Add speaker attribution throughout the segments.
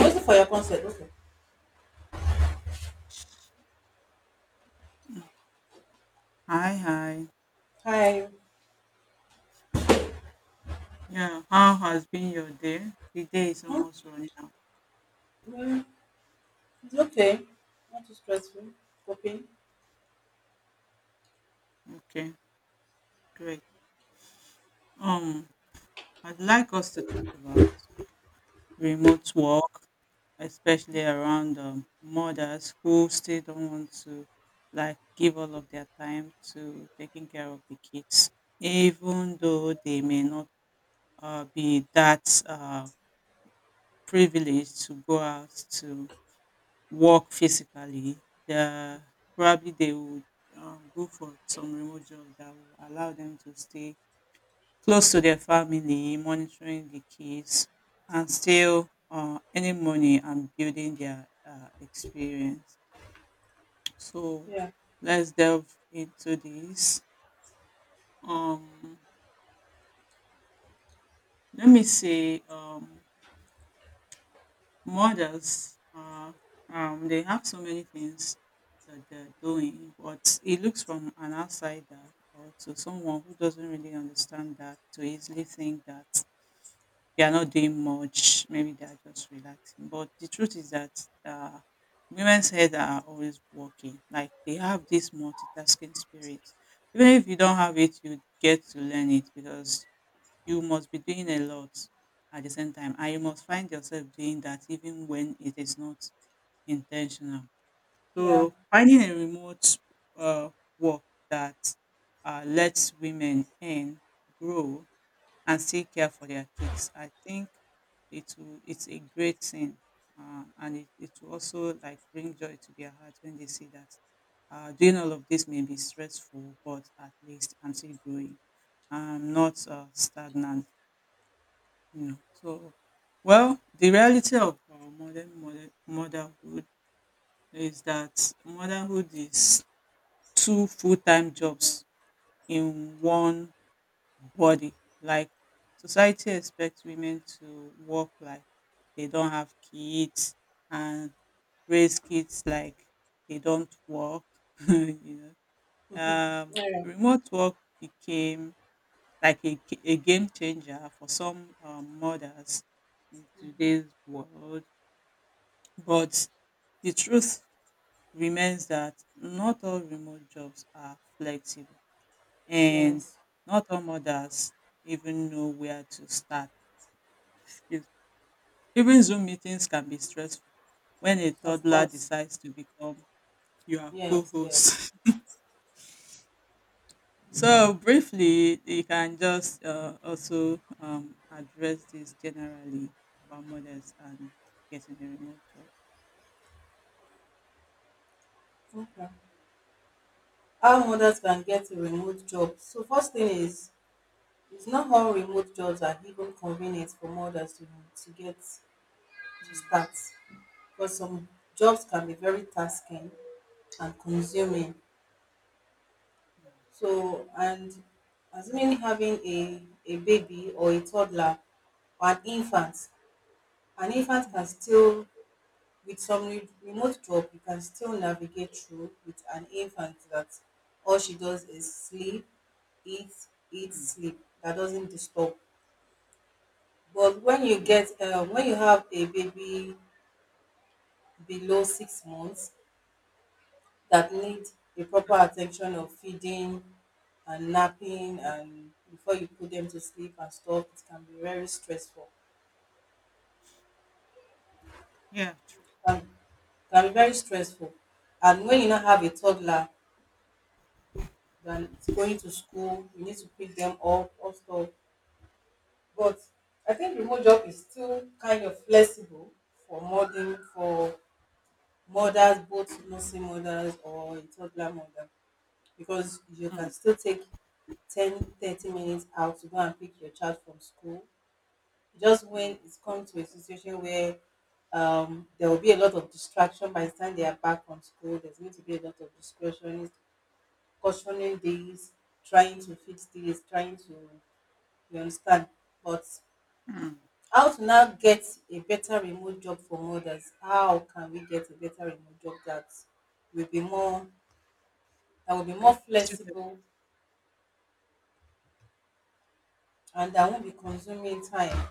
Speaker 1: Also for your consent, okay.
Speaker 2: Hi, hi.
Speaker 1: Hi.
Speaker 2: Yeah, how has been your day? The day is
Speaker 1: Huh?
Speaker 2: almost running out.
Speaker 1: Mm. It's okay. Not too stressful. Okay.
Speaker 2: Okay, great. Um, I'd like us to talk about remote work, especially around mothers who still don't want to like give all of their time to taking care of the kids, even though they may not be that privileged to go out to work physically, the probably they would go for some remote job that will allow them to stay close to their family, monitoring the kids, and still earning money and building their experience. So
Speaker 1: Yeah.
Speaker 2: let's delve into this. Um, let me say mothers are they have so many things that they're doing, but it looks from an outsider or to someone who doesn't really understand that to easily think that they are not doing much, maybe they are just relaxing. But the truth is that uh, women's heads are always working. Like they have this multitasking spirit. Even if you don't have it, you get to learn it because you must be doing a lot at the same time and you must find yourself doing that even when it is not intentional,
Speaker 1: Yeah.
Speaker 2: so finding a remote uh, work that lets women earn, grow, and still care for their kids, I think it's a great thing, and it will also like bring joy to their heart when they see that doing all of this may be stressful but at least I'm still growing, I'm not stagnant, you know. So well, the reality of our modern motherhood is that motherhood is two full-time jobs in one body. Like society expects women to work like they don't have kids and raise kids like they don't work. You know,
Speaker 1: Yeah.
Speaker 2: remote work became like a game changer for some mothers in
Speaker 1: Hmm.
Speaker 2: today's world. But the truth remains that not all remote jobs are flexible, and
Speaker 1: Yes.
Speaker 2: not all mothers even know where to start. Yes. Even Zoom meetings can be stressful when a
Speaker 1: Of
Speaker 2: toddler
Speaker 1: course.
Speaker 2: decides to become your co
Speaker 1: Yes. Yes.
Speaker 2: host. So briefly, you can just also address this generally about mothers and getting a remote job.
Speaker 1: Okay. How mothers can get a remote job. So first thing is, it's not all remote jobs are even convenient for mothers to get to
Speaker 2: Mm,
Speaker 1: start. Because some jobs can be very tasking and consuming.
Speaker 2: mm,
Speaker 1: So, and assuming having a baby or a toddler or an infant
Speaker 2: mm,
Speaker 1: can still, with some remote job, you can still navigate through with an infant that all she does is sleep, eat, eat,
Speaker 2: mm,
Speaker 1: sleep. That doesn't disturb. But
Speaker 2: mm.
Speaker 1: when you have a baby below 6 months, that need a proper attention of feeding and napping and before you put them to sleep and stuff, it can be very stressful.
Speaker 2: Yeah, true.
Speaker 1: Can, can be very stressful. And when you not have a toddler that's going to school, you need to pick them up or stuff. But I think remote job is still kind of flexible for mothers, both nursing mothers or a toddler mother, because you can
Speaker 2: Mm,
Speaker 1: still take 10, 30 minutes out to go and pick your child from school, just when
Speaker 2: mm,
Speaker 1: it's come to a situation where there will be a lot of distraction. By the time they are back from school, there's going to be a lot of discretion, cautioning this, trying to fix this, trying to, you understand, but
Speaker 2: mm.
Speaker 1: how to now get a better remote job for mothers. How can we get a better remote job will be more that will be more
Speaker 2: It's
Speaker 1: flexible and I won't be consuming time.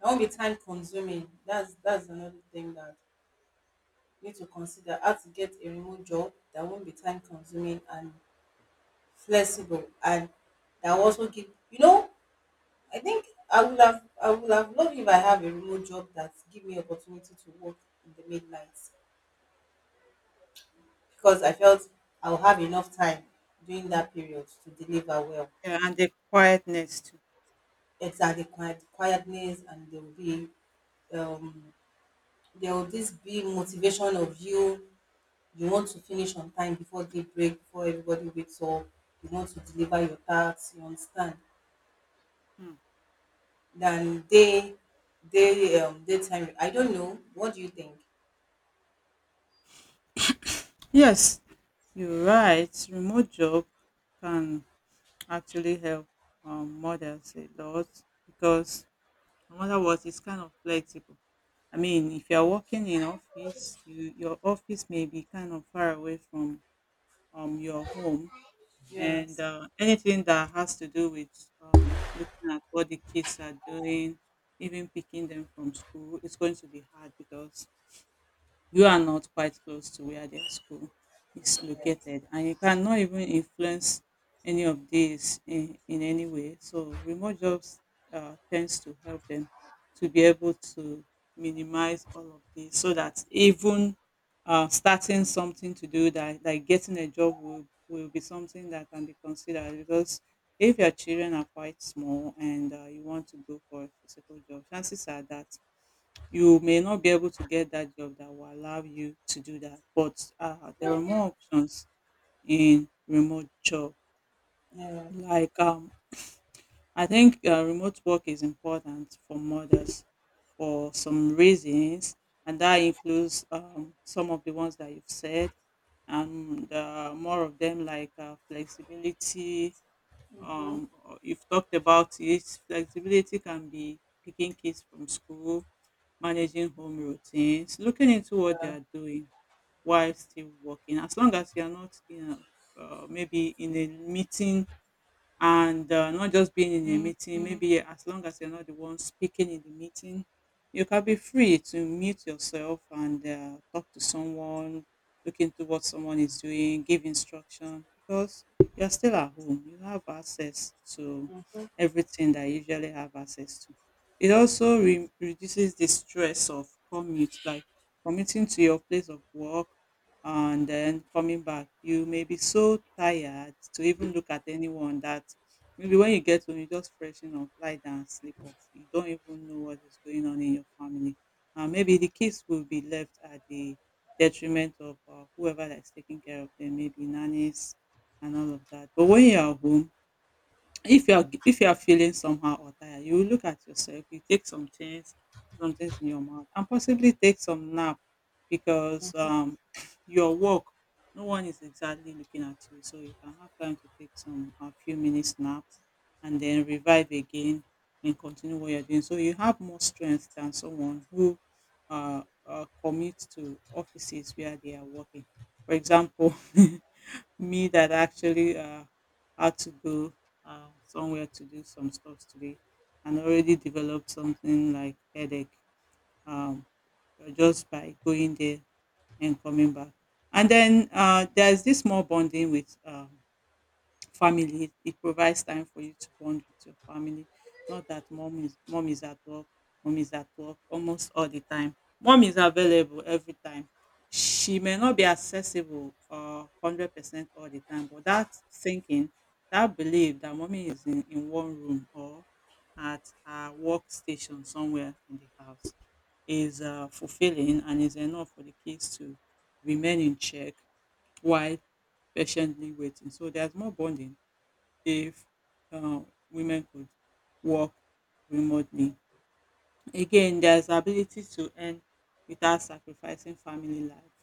Speaker 1: I won't be time consuming. That's another thing that you need to consider. How to get a remote job that won't be time consuming and flexible and that will also give. I think I would have loved if I have a remote job that give me opportunity to work in the midnight, because I felt I'll have enough time during that period to deliver well.
Speaker 2: Yeah, and the quietness too.
Speaker 1: Exactly, quietness, and there will be um there will this big motivation of you. You want to finish on time before daybreak, before everybody wakes up. You want to deliver your tasks, you understand,
Speaker 2: Mm.
Speaker 1: than day daytime. I don't know, what do you think?
Speaker 2: Yes, you're right. Remote job can actually help mothers a lot because no matter what, it's kind of flexible. I mean, if you're working in office, you your office may be kind of far away from your home, and
Speaker 1: Yes.
Speaker 2: anything that has to do with looking at what the kids are doing, even picking them from school, it's going to be hard because you are not quite close to where their school is
Speaker 1: Yes.
Speaker 2: located and you cannot even influence any of these in any way, so remote jobs tends to help them to be able to minimize all of this so that even starting something to do that like getting a job will be something that can be considered because if your children are quite small and you want to go for a physical job, chances are that you may not be able to get that job that will allow you to do that. But there are more options in remote job.
Speaker 1: Yeah.
Speaker 2: Like I think remote work is important for mothers for some reasons, and that includes some of the ones that you've said, and more of them like flexibility. Um, you've talked about it. Flexibility can be picking kids from school, managing home routines, looking into what they are doing while still working. As long as you are not, you know, maybe in a meeting and not just being in a meeting. Mm-hmm. Maybe as long as you're not the one speaking in the meeting, you can be free to mute yourself and talk to someone, look into what someone is doing, give instruction because you're still at home. You have access to everything that you usually have access to. It also reduces the stress of commute, like commuting to your place of work, and then coming back you may be so tired to even look at anyone that maybe when you get home you just freshen up, lie down, and sleep off. You don't even know what is going on in your family, and maybe the kids will be left at the detriment of whoever that's taking care of them, maybe nannies and all of that. But when you're home, if you are feeling somehow or tired, you will look at yourself, you take some things, put some things in your mouth, and possibly take some nap because your work, no one is exactly looking at you. So you can have time to take some a few minutes nap and then revive again and continue what you're doing. So you have more strength than someone who commutes to offices where they are working. For example, me that actually had to go somewhere to do some stuff today and already developed something like headache, um, just by going there and coming back. And then there's this more bonding with family. It provides time for you to bond with your family. Not that mom is at work, mom is at work almost all the time. Mom is available every time. She may not be accessible 100% all the time, but that thinking, that belief that mommy is in one room or at her workstation somewhere in the house is fulfilling and is enough for the kids to remain in check while patiently waiting. So there's more bonding if uh, women could work remotely. Again, there's ability to earn without sacrificing family life.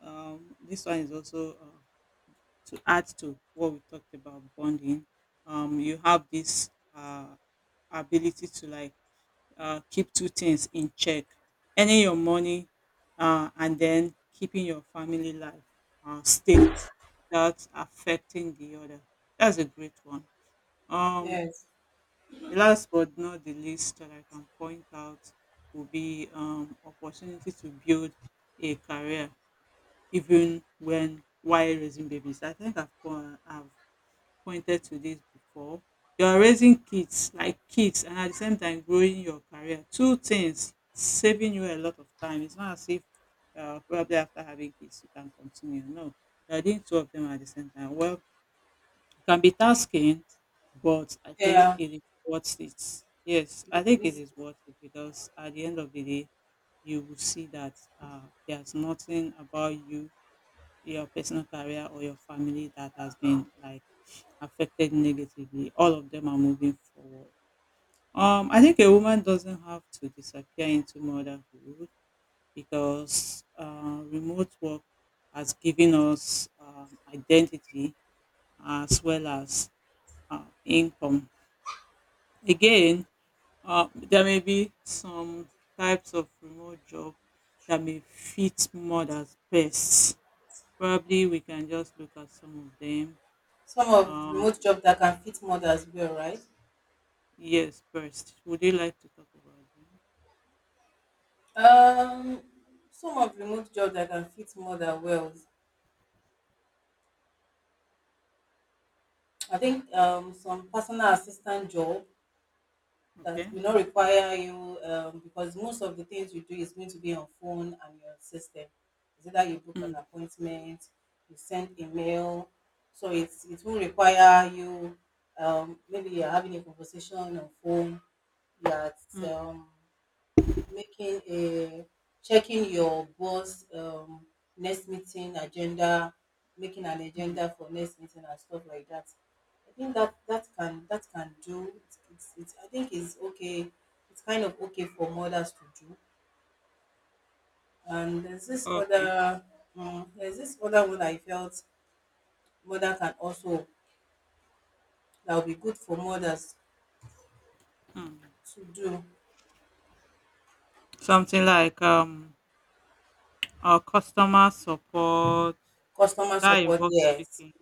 Speaker 2: This one is also to add to what we talked about bonding. You have this ability to like keep two things in check, earning your money and then keeping your family life steady without affecting the other. That's a great one. Um,
Speaker 1: Yes.
Speaker 2: The last but not the least that I can point out will be opportunity to build a career, even when while raising babies. I think I've pointed to this before. You're raising kids, like kids, and at the same time growing your career. Two things saving you a lot of time. It's not as if probably after having kids you can continue. No, you're doing two of them at the same time. Well it can be tasking, but I think
Speaker 1: Yeah.
Speaker 2: it is worth it. Yes, I think it
Speaker 1: It's
Speaker 2: is worth it because at the end of the day, you will see that uh, there's nothing about you, your personal career, or your family that has been like affected negatively. All of them are moving forward. I think a woman doesn't have to disappear into motherhood because remote work has given us identity as well as income. Again, there may be some types of remote job that may fit mothers best. Probably we can just look at some of them.
Speaker 1: Some of the
Speaker 2: Uh,
Speaker 1: remote jobs that can fit mothers well, right?
Speaker 2: yes, first. Would you like to talk about them?
Speaker 1: um some of remote jobs that can fit mother well, I think some personal assistant job that
Speaker 2: Okay.
Speaker 1: will not require you, because most of the things you do is going to be on phone and your system. It's either you book an
Speaker 2: Mm,
Speaker 1: appointment, you send email, so it's it will require you. Maybe you're having a conversation on phone, you're at
Speaker 2: mm,
Speaker 1: um, making a checking your boss next meeting agenda making an
Speaker 2: mm.
Speaker 1: agenda for next meeting and stuff like that. I think that that can do it's I think it's okay, it's kind of okay for mothers to do. And there's this
Speaker 2: Okay.
Speaker 1: other, there's this other one I felt mother can also, that will be good for mothers
Speaker 2: Mm.
Speaker 1: to do.
Speaker 2: Something like our customer support
Speaker 1: Customer
Speaker 2: that
Speaker 1: support,
Speaker 2: involves
Speaker 1: yes,
Speaker 2: speaking,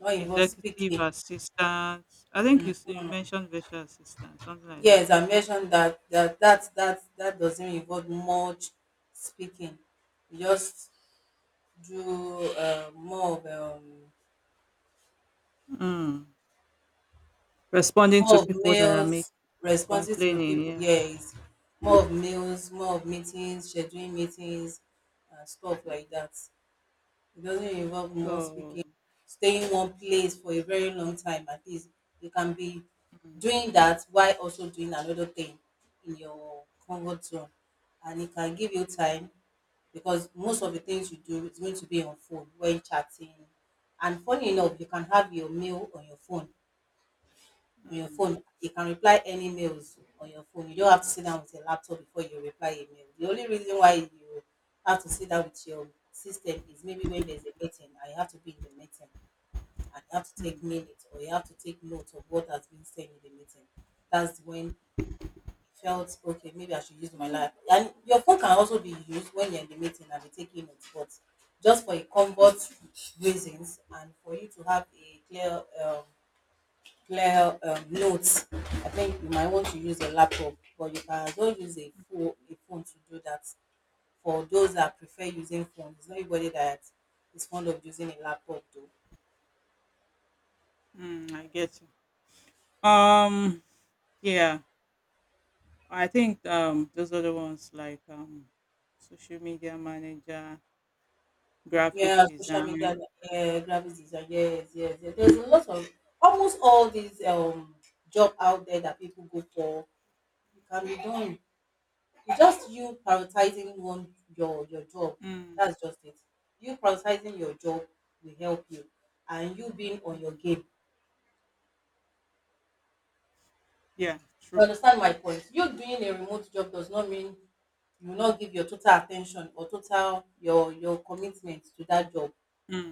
Speaker 1: not involve
Speaker 2: executive
Speaker 1: speaking.
Speaker 2: assistance. I think you mentioned virtual assistant, something like that.
Speaker 1: Yes, I mentioned that doesn't involve much speaking. You just do
Speaker 2: Mm. Responding to
Speaker 1: more of
Speaker 2: people that are make
Speaker 1: meals, responses to
Speaker 2: complaining,
Speaker 1: people.
Speaker 2: yeah.
Speaker 1: Yes, more of meals, more of meetings, scheduling meetings, stuff like
Speaker 2: Mm.
Speaker 1: that. It doesn't involve most
Speaker 2: So,
Speaker 1: speaking, staying one place for a very long time at least. You can be
Speaker 2: mm,
Speaker 1: doing that while also doing another thing in your comfort zone. And it can give you time because most of the things you do is going to be on phone when chatting. And funny enough, you can have your meal on your phone, on your
Speaker 2: mm,
Speaker 1: phone. You can reply any mails on your phone. You don't have to sit down with your laptop before you reply a mail. The only reason why you have to sit down with your system is maybe when there's a meeting and you have to be in the meeting and you have to take
Speaker 2: mm,
Speaker 1: minutes or you have to take note of what has been said in the meeting. That's when you felt okay, maybe I should use my life. And your phone can also be used when you're in the meeting and you're taking notes, but just for a comfort reasons and for you to have a clear, clear notes. I think you might want to use a laptop, but you can as well use a phone to do that. For those that prefer using phones, it's not everybody that is fond of using a laptop though.
Speaker 2: mm, I get you. Um, yeah, I think those are the ones like social media manager, graphic
Speaker 1: Yeah, social media,
Speaker 2: design.
Speaker 1: yeah, graphics design, yes, yes, yes. There's a lot of, almost all these job out there that people go for. It can be done. It's just you prioritizing one your job.
Speaker 2: Mm,
Speaker 1: That's just it. You prioritizing your job will help you, and you being on your
Speaker 2: mm,
Speaker 1: game.
Speaker 2: yeah,
Speaker 1: You
Speaker 2: true.
Speaker 1: understand my point? You doing a remote job does not mean you will not give your total attention or total your commitment to that job.
Speaker 2: Mm,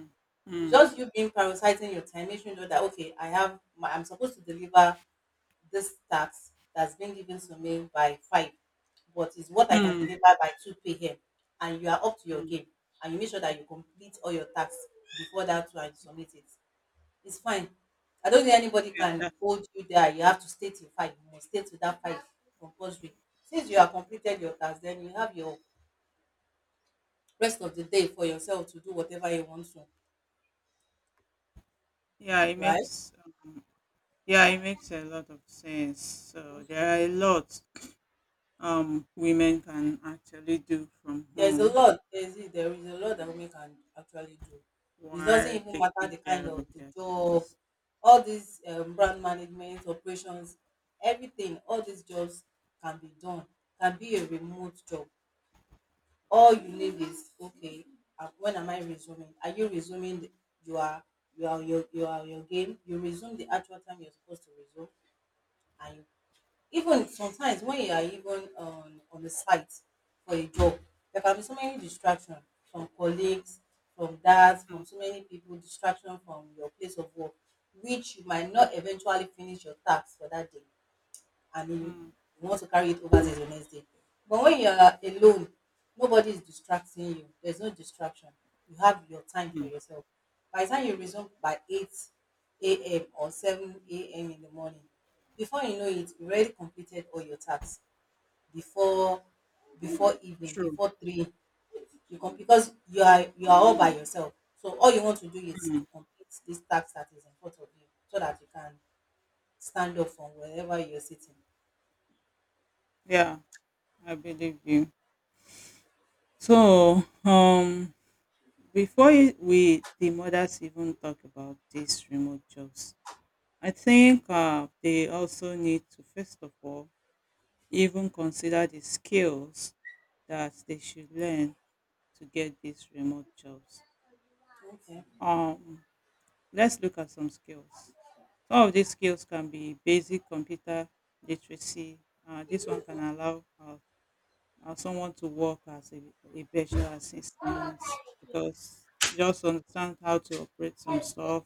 Speaker 1: It's
Speaker 2: mm,
Speaker 1: just you being prioritizing your time, making sure that okay, I'm supposed to deliver this task that's been given to me by five, but it's what I can
Speaker 2: mm,
Speaker 1: deliver by two p.m. And you are up to
Speaker 2: mm,
Speaker 1: your
Speaker 2: mm.
Speaker 1: game, and you make sure that you complete all your tasks before that one and you submit it. It's fine. I don't think anybody
Speaker 2: Yeah,
Speaker 1: can
Speaker 2: that-
Speaker 1: hold you there. You have to stay your fight. You must stay to that fight, compulsory. Since you have completed your task, then you have your rest of the day for yourself to do whatever you want to.
Speaker 2: yeah, it
Speaker 1: Right?
Speaker 2: makes um, yeah, it makes a lot of sense. So there are a lot women can actually do from
Speaker 1: There's a
Speaker 2: home
Speaker 1: lot. There is a lot that women can actually do. It doesn't
Speaker 2: while
Speaker 1: even matter
Speaker 2: taking
Speaker 1: the
Speaker 2: care
Speaker 1: kind of
Speaker 2: of
Speaker 1: the
Speaker 2: their
Speaker 1: job,
Speaker 2: kids.
Speaker 1: all these brand management operations, everything. All these jobs can be done. Can be a remote job. All you
Speaker 2: Mm,
Speaker 1: need is okay. When am I resuming? Are you resuming? You are your game. You resume the actual time you're supposed to resume, and you, even sometimes when you are even on the site for a job, there can be so many distractions from colleagues, from that,
Speaker 2: mm,
Speaker 1: from so many people, distraction from your place of work, which you might not eventually finish your task for that day, and you
Speaker 2: mm,
Speaker 1: you want to carry it over to the next day. But when you are alone, nobody is distracting you. There's no distraction. You have your time for
Speaker 2: mm.
Speaker 1: yourself. By the time you resume by 8 a.m. or 7 a.m. in the morning, before you know it, you already completed all your tasks before before evening,
Speaker 2: True.
Speaker 1: before 3, because you are all by yourself, so all you want to do is
Speaker 2: Mm.
Speaker 1: to complete this task that is in front of you, so that you can stand up from wherever you're sitting.
Speaker 2: Yeah, I believe you. So, before we the mothers even talk about these remote jobs, I think they also need to first of all even consider the skills that they should learn to get these remote jobs.
Speaker 1: Okay.
Speaker 2: Um, let's look at some skills. Some of these skills can be basic computer literacy. This one can allow someone to work as a virtual assistant because you just understand how to operate some stuff,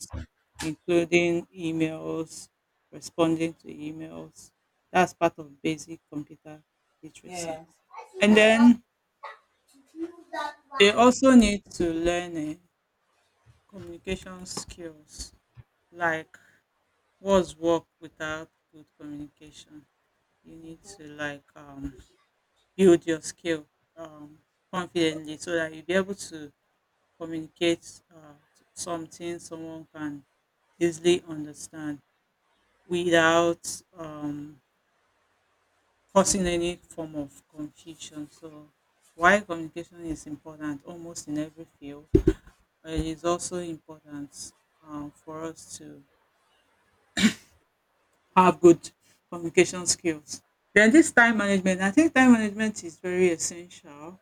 Speaker 2: including emails, responding to emails. That's part of basic computer literacy.
Speaker 1: Yes.
Speaker 2: And
Speaker 1: Yes.
Speaker 2: then
Speaker 1: Mhm.
Speaker 2: they also need to learn communication skills. Like what's work without good communication? You need to like build your skill um, confidently so that you'll be able to communicate something someone can easily understand
Speaker 1: Mhm.
Speaker 2: without causing any form of confusion. So, why communication is important almost in every field, it is also important for us to have good communication skills. Then this time management, I think time management is very essential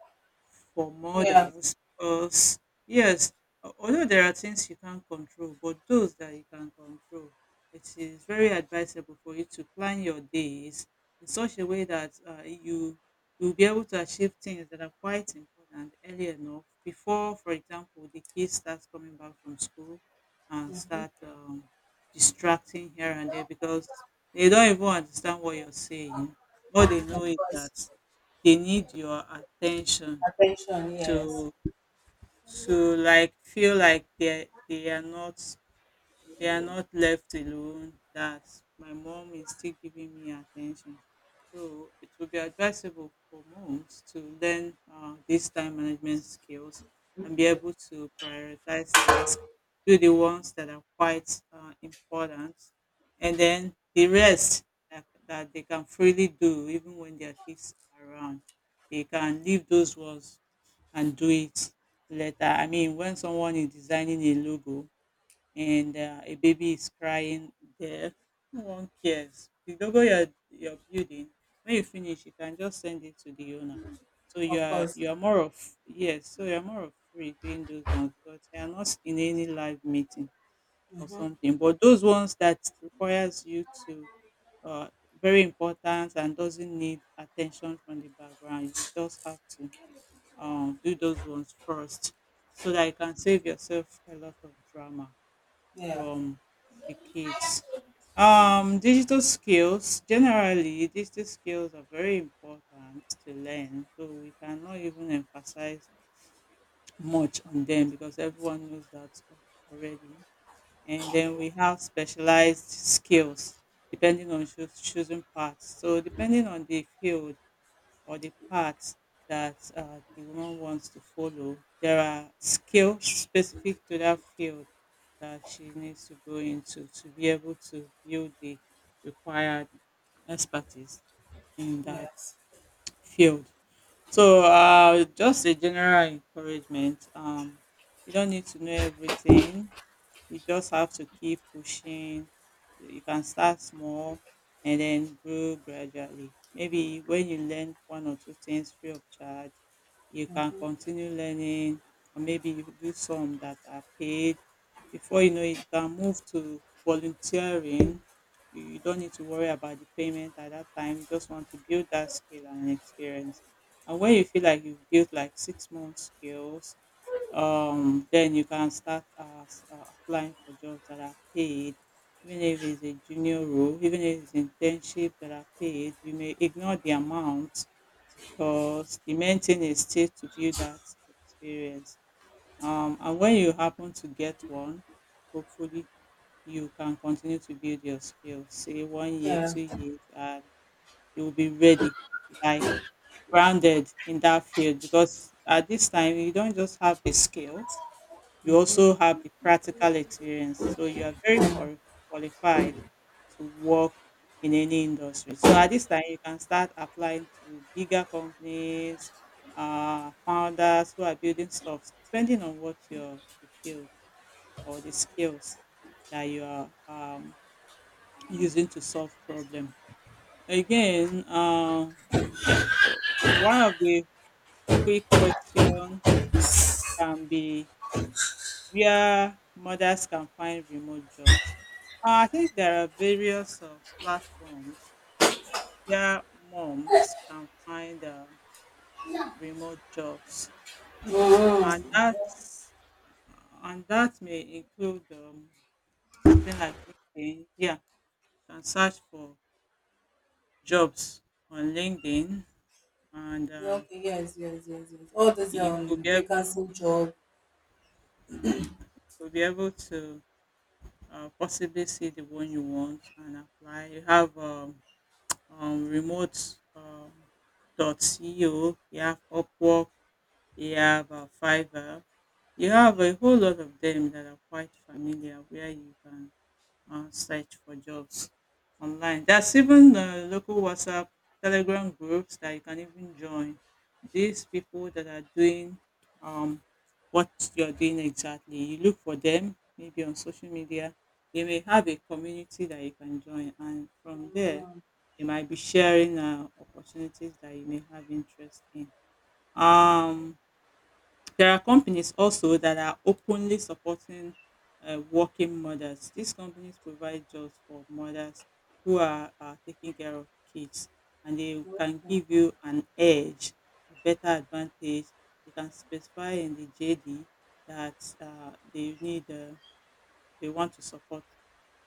Speaker 2: for
Speaker 1: Yeah.
Speaker 2: mothers because yes, although there are things you can't control, but those that you can control, it is very advisable for you to plan your days in such a way that you you'll be able to achieve things that are quite important early enough before, for example, the kids start coming back from school and start distracting here and there because they don't even understand what you're saying. All
Speaker 1: Of
Speaker 2: they know is that
Speaker 1: course.
Speaker 2: they need your attention
Speaker 1: Attention. Yes.
Speaker 2: to like feel like they are not they are not left alone, that my mom is still giving me attention. So it will be advisable for moms to learn these time management skills and be able to prioritize tasks, do the ones that are quite important, and then the rest that they can freely do even when their kids are around. They can leave those ones and do it later. I mean, when someone is designing a logo, and a baby is crying there. No one cares. The logo you're building, when you finish, you can just send it to the owner. So you
Speaker 1: Of
Speaker 2: are
Speaker 1: course.
Speaker 2: you are more of yes, so you are more of free doing those ones because they are not in any live meeting or
Speaker 1: Hmm.
Speaker 2: something. But those ones that requires you to uh, very important and doesn't need attention from the background, you just have to do those ones first so that you can save yourself a lot of drama
Speaker 1: Yeah.
Speaker 2: from the kids. Digital skills generally, digital skills are very important to learn, so we cannot even emphasize much on them because everyone knows that already. And then we have specialized skills depending on choosing paths. So, depending on the field, or the path that the woman wants to follow. There are skills specific to that field that she needs to go into to be able to build the required expertise in that
Speaker 1: Yes.
Speaker 2: field. So, just a general encouragement. You don't need to know everything, you just have to keep pushing. You can start small and then grow gradually. Maybe when you learn one or two things free of charge, you can
Speaker 1: Hmm.
Speaker 2: continue learning, or maybe you do some that are paid. Before you know it, you can move to volunteering. You don't need to worry about the payment at that time. You just want to build that skill and experience. And when you feel like you've built like 6 months skills, then you can start applying for jobs that are paid, even if it's a junior role, even if it's internship that are paid, you may ignore the amount because the main thing is still to build that experience. And when you happen to get one, hopefully, you can continue to build your skills, say 1 year,
Speaker 1: Yeah.
Speaker 2: 2 years, and you'll be ready like grounded in that field because at this time you don't just have the skill, you also have the practical experience. So you are very qualified to work in any industry. So at this time, you can start applying to bigger companies, founders who are building stuff, depending on what your the field or the skills that you are using to solve problem. Again, the- one of the quick question can be where mothers can find remote jobs. I think there are various platforms where moms can find
Speaker 1: Hmm.
Speaker 2: remote jobs, and that's and that may include something like LinkedIn. Yeah, you can search for jobs on LinkedIn, and
Speaker 1: Yeah, okay. Yes. Yes. Yes. Yes. All this
Speaker 2: you could be able
Speaker 1: vacancy job.
Speaker 2: you could be able to possibly see the one you want and apply. You have remote um, dot co. You have Upwork. You have Fiverr. You have a whole lot of them that are quite familiar where you can search for jobs online. There's even local WhatsApp, Telegram groups that you can even join. These people that are doing um, what you're doing exactly, you look for them maybe on social media. They may have a community that you can join, and from there,
Speaker 1: Mm-hmm.
Speaker 2: they might be sharing opportunities that you may have interest in. Um, there are companies also that are openly supporting working mothers. These companies provide jobs for mothers who are taking care of kids, and they can give you an edge, a better advantage. They can specify in the JD that they want to support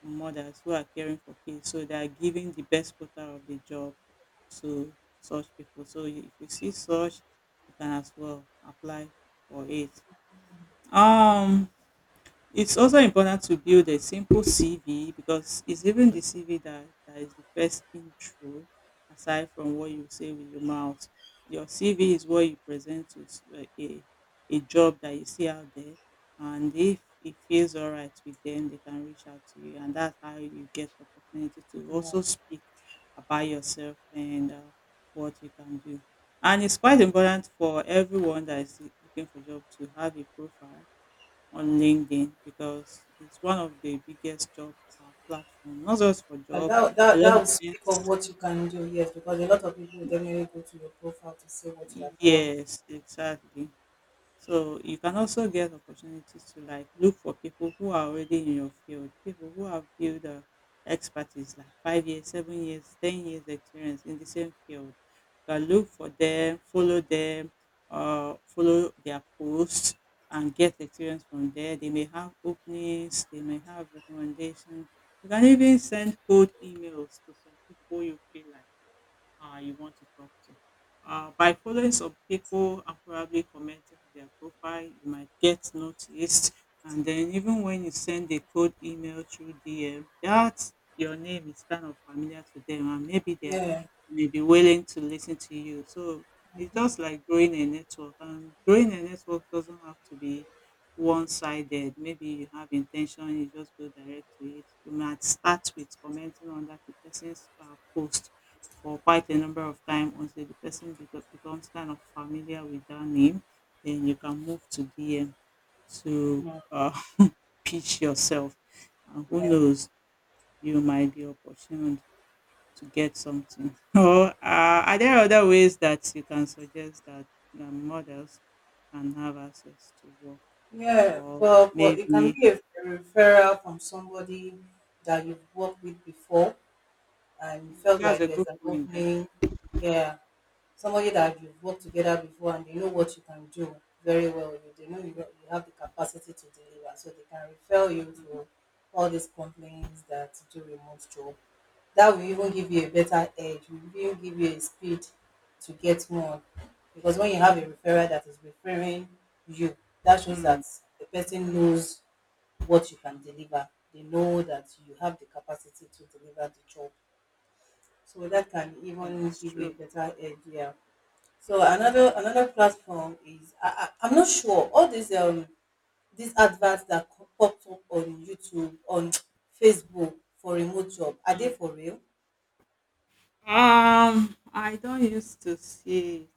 Speaker 2: mothers who are caring for kids. So they are giving the best quota of the job to such people. So if you see such, you can as well apply for it. Um, it's also important to build a simple CV because it's even the CV that is the first intro aside from what you say with your mouth. Your CV is what you present to a job that you see out there. And if it feels all right with them, they can reach out to you. And that's how you get opportunity to
Speaker 1: Okay.
Speaker 2: also speak about yourself and what you can do. And it's quite important for everyone that is looking for job to have a profile on LinkedIn because it's one of the biggest job platform, not just for
Speaker 1: And
Speaker 2: job.
Speaker 1: that,
Speaker 2: A
Speaker 1: that
Speaker 2: lot
Speaker 1: that
Speaker 2: of
Speaker 1: will speak of
Speaker 2: things.
Speaker 1: what you can do, yes, because a lot of people will definitely go to your profile to see what you have done before.
Speaker 2: Yes, exactly. So you can also get opportunities to like look for people who are already in your field, people who have built expertise like 5 years, 7 years, 10 years experience in the same field. You can look for them, follow their posts and get experience from there. They may have openings, they may have recommendations. You can even send cold emails to some people you feel like you want to talk to. By following some people and probably commenting on their profile, you might get noticed. And then even when you send a cold email through DM, that your name is kind of familiar to them, and maybe they
Speaker 1: Yeah,
Speaker 2: may be willing to listen to you. So it's just like growing a network, and growing a network doesn't have to be one-sided. Maybe you have intention, you just go direct to it. You might start with commenting on that person's post for quite a number of time until the person becomes kind of familiar with that name. Then you can move to DM to
Speaker 1: yeah,
Speaker 2: pitch yourself. And who
Speaker 1: yeah,
Speaker 2: knows, you might be opportuned to get something. Or are there other ways that you can suggest that the models can have access to work?
Speaker 1: yeah.
Speaker 2: Or
Speaker 1: But it can
Speaker 2: maybe
Speaker 1: be a referral from somebody that you've worked with before and you
Speaker 2: mm,
Speaker 1: felt
Speaker 2: that's
Speaker 1: like
Speaker 2: a
Speaker 1: there's
Speaker 2: good
Speaker 1: an
Speaker 2: point there.
Speaker 1: opening. Yeah, somebody that you've worked together before and they know what you can do very well. You they know you, got- You have the capacity to deliver, so they can refer you
Speaker 2: Mm,
Speaker 1: to all these companies that do remote job. That will even give you a better edge. Will even give you a speed to get more, because when you have a referrer that is referring you, that shows
Speaker 2: mm,
Speaker 1: that the person knows what you can deliver. They know that you have the capacity to deliver the job. So that can
Speaker 2: yeah,
Speaker 1: even
Speaker 2: it's
Speaker 1: give you
Speaker 2: true.
Speaker 1: a better idea. So another platform is, I'm not sure all these adverts that pop up on YouTube, on Facebook for remote job, are they
Speaker 2: Mm.
Speaker 1: for real?
Speaker 2: I don't used to see,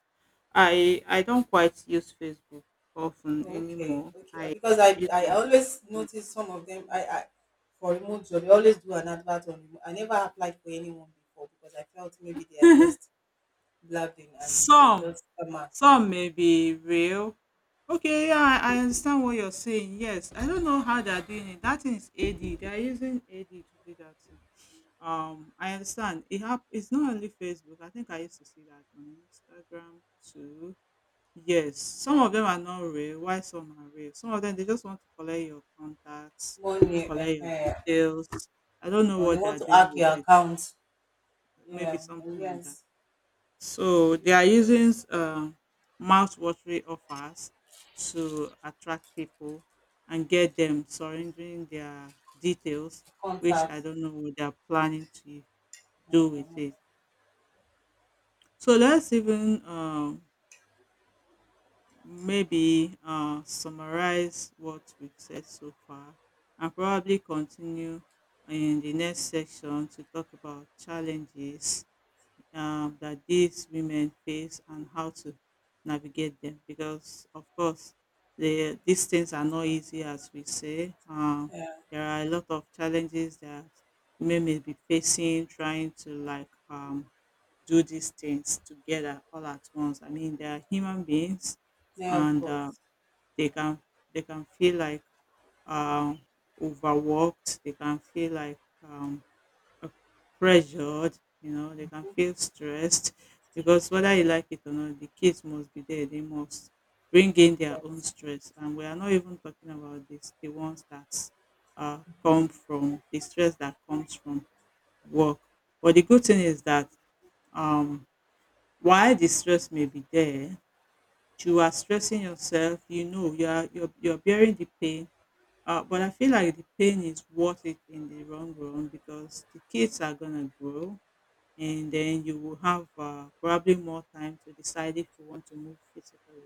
Speaker 2: I don't quite use Facebook often
Speaker 1: Okay,
Speaker 2: anymore.
Speaker 1: okay. Because I
Speaker 2: I use
Speaker 1: I
Speaker 2: more.
Speaker 1: always notice some of them, I for remote job they always do an advert on remote. I never applied for anyone before because I felt maybe they are just blabbing and they are
Speaker 2: Some
Speaker 1: just
Speaker 2: some may be real. Okay, yeah, I understand what you're saying. Yes, I don't know how they're doing it. That thing is AD. They're using AD to do that thing. I understand. It's not only Facebook. I think I used to see that on Instagram too. Yes, some of them are not real, while some are real. Some of them they just want to collect your contacts,
Speaker 1: money,
Speaker 2: collect your details. I don't know
Speaker 1: or they
Speaker 2: what they
Speaker 1: want
Speaker 2: are
Speaker 1: to
Speaker 2: doing
Speaker 1: hack
Speaker 2: with
Speaker 1: your
Speaker 2: it.
Speaker 1: account.
Speaker 2: Maybe
Speaker 1: Yeah,
Speaker 2: something
Speaker 1: and
Speaker 2: like that.
Speaker 1: yes, and
Speaker 2: So
Speaker 1: you
Speaker 2: they are using mouth-watering offers to attract people and get them surrendering their details,
Speaker 1: have
Speaker 2: which
Speaker 1: contact.
Speaker 2: I don't know what they are planning to do with
Speaker 1: Mm,
Speaker 2: it. So let's even maybe summarize what we've said so far and probably continue in the next section to talk about challenges that these women face and how to navigate them because of course these things are not easy as we say
Speaker 1: yeah,
Speaker 2: there are a lot of challenges that women may be facing trying to like do these things together all at once. I mean, they are human beings,
Speaker 1: yeah, of
Speaker 2: and
Speaker 1: course,
Speaker 2: they can they can feel like um, overworked. They can feel like uh, pressured. You know, they can feel stressed because whether you like it or not, the kids must be there. They must bring
Speaker 1: of
Speaker 2: in their own
Speaker 1: course.
Speaker 2: stress, and we are not even talking about this the ones that come from the stress that comes from work. But the good thing is that um, while the stress may be there, you are stressing yourself, you know, you are you're bearing the pain. But I feel like the pain is worth it in the long run because the kids are gonna grow, and then you will have probably more time to decide if you want to move physically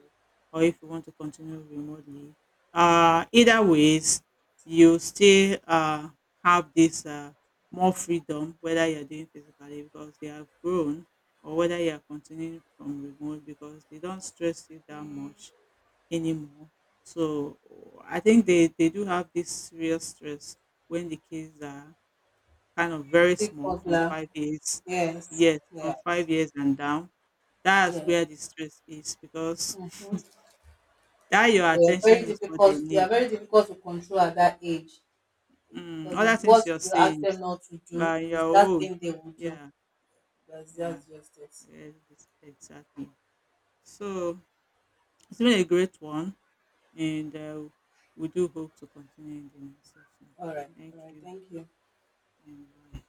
Speaker 2: or if you want to continue remotely. Either ways, you still have this more freedom whether you're doing physically because they have grown or whether you are continuing from remote because they don't stress you that much anymore. So I think they do have this real stress when the kids are kind of very
Speaker 1: Stick
Speaker 2: small from
Speaker 1: poplar,
Speaker 2: 5 years.
Speaker 1: yes,
Speaker 2: Yes, from 5
Speaker 1: yes,
Speaker 2: years and down. That's
Speaker 1: yes.
Speaker 2: where the stress is because
Speaker 1: Hmm.
Speaker 2: that your
Speaker 1: They are
Speaker 2: attention
Speaker 1: very
Speaker 2: is what they
Speaker 1: difficult. They
Speaker 2: need.
Speaker 1: are very difficult to control at that age,
Speaker 2: Mm,
Speaker 1: because
Speaker 2: other
Speaker 1: it's what
Speaker 2: things you're
Speaker 1: you ask
Speaker 2: saying
Speaker 1: them not to do,
Speaker 2: are your
Speaker 1: it's that
Speaker 2: own.
Speaker 1: thing they will do.
Speaker 2: Yeah,
Speaker 1: That's
Speaker 2: yeah,
Speaker 1: that's just it.
Speaker 2: yeah, exactly. So it's been a great one, and we do hope to continue in the next session.
Speaker 1: All right,
Speaker 2: Thank
Speaker 1: all right.
Speaker 2: you,
Speaker 1: Thank you.
Speaker 2: and bye.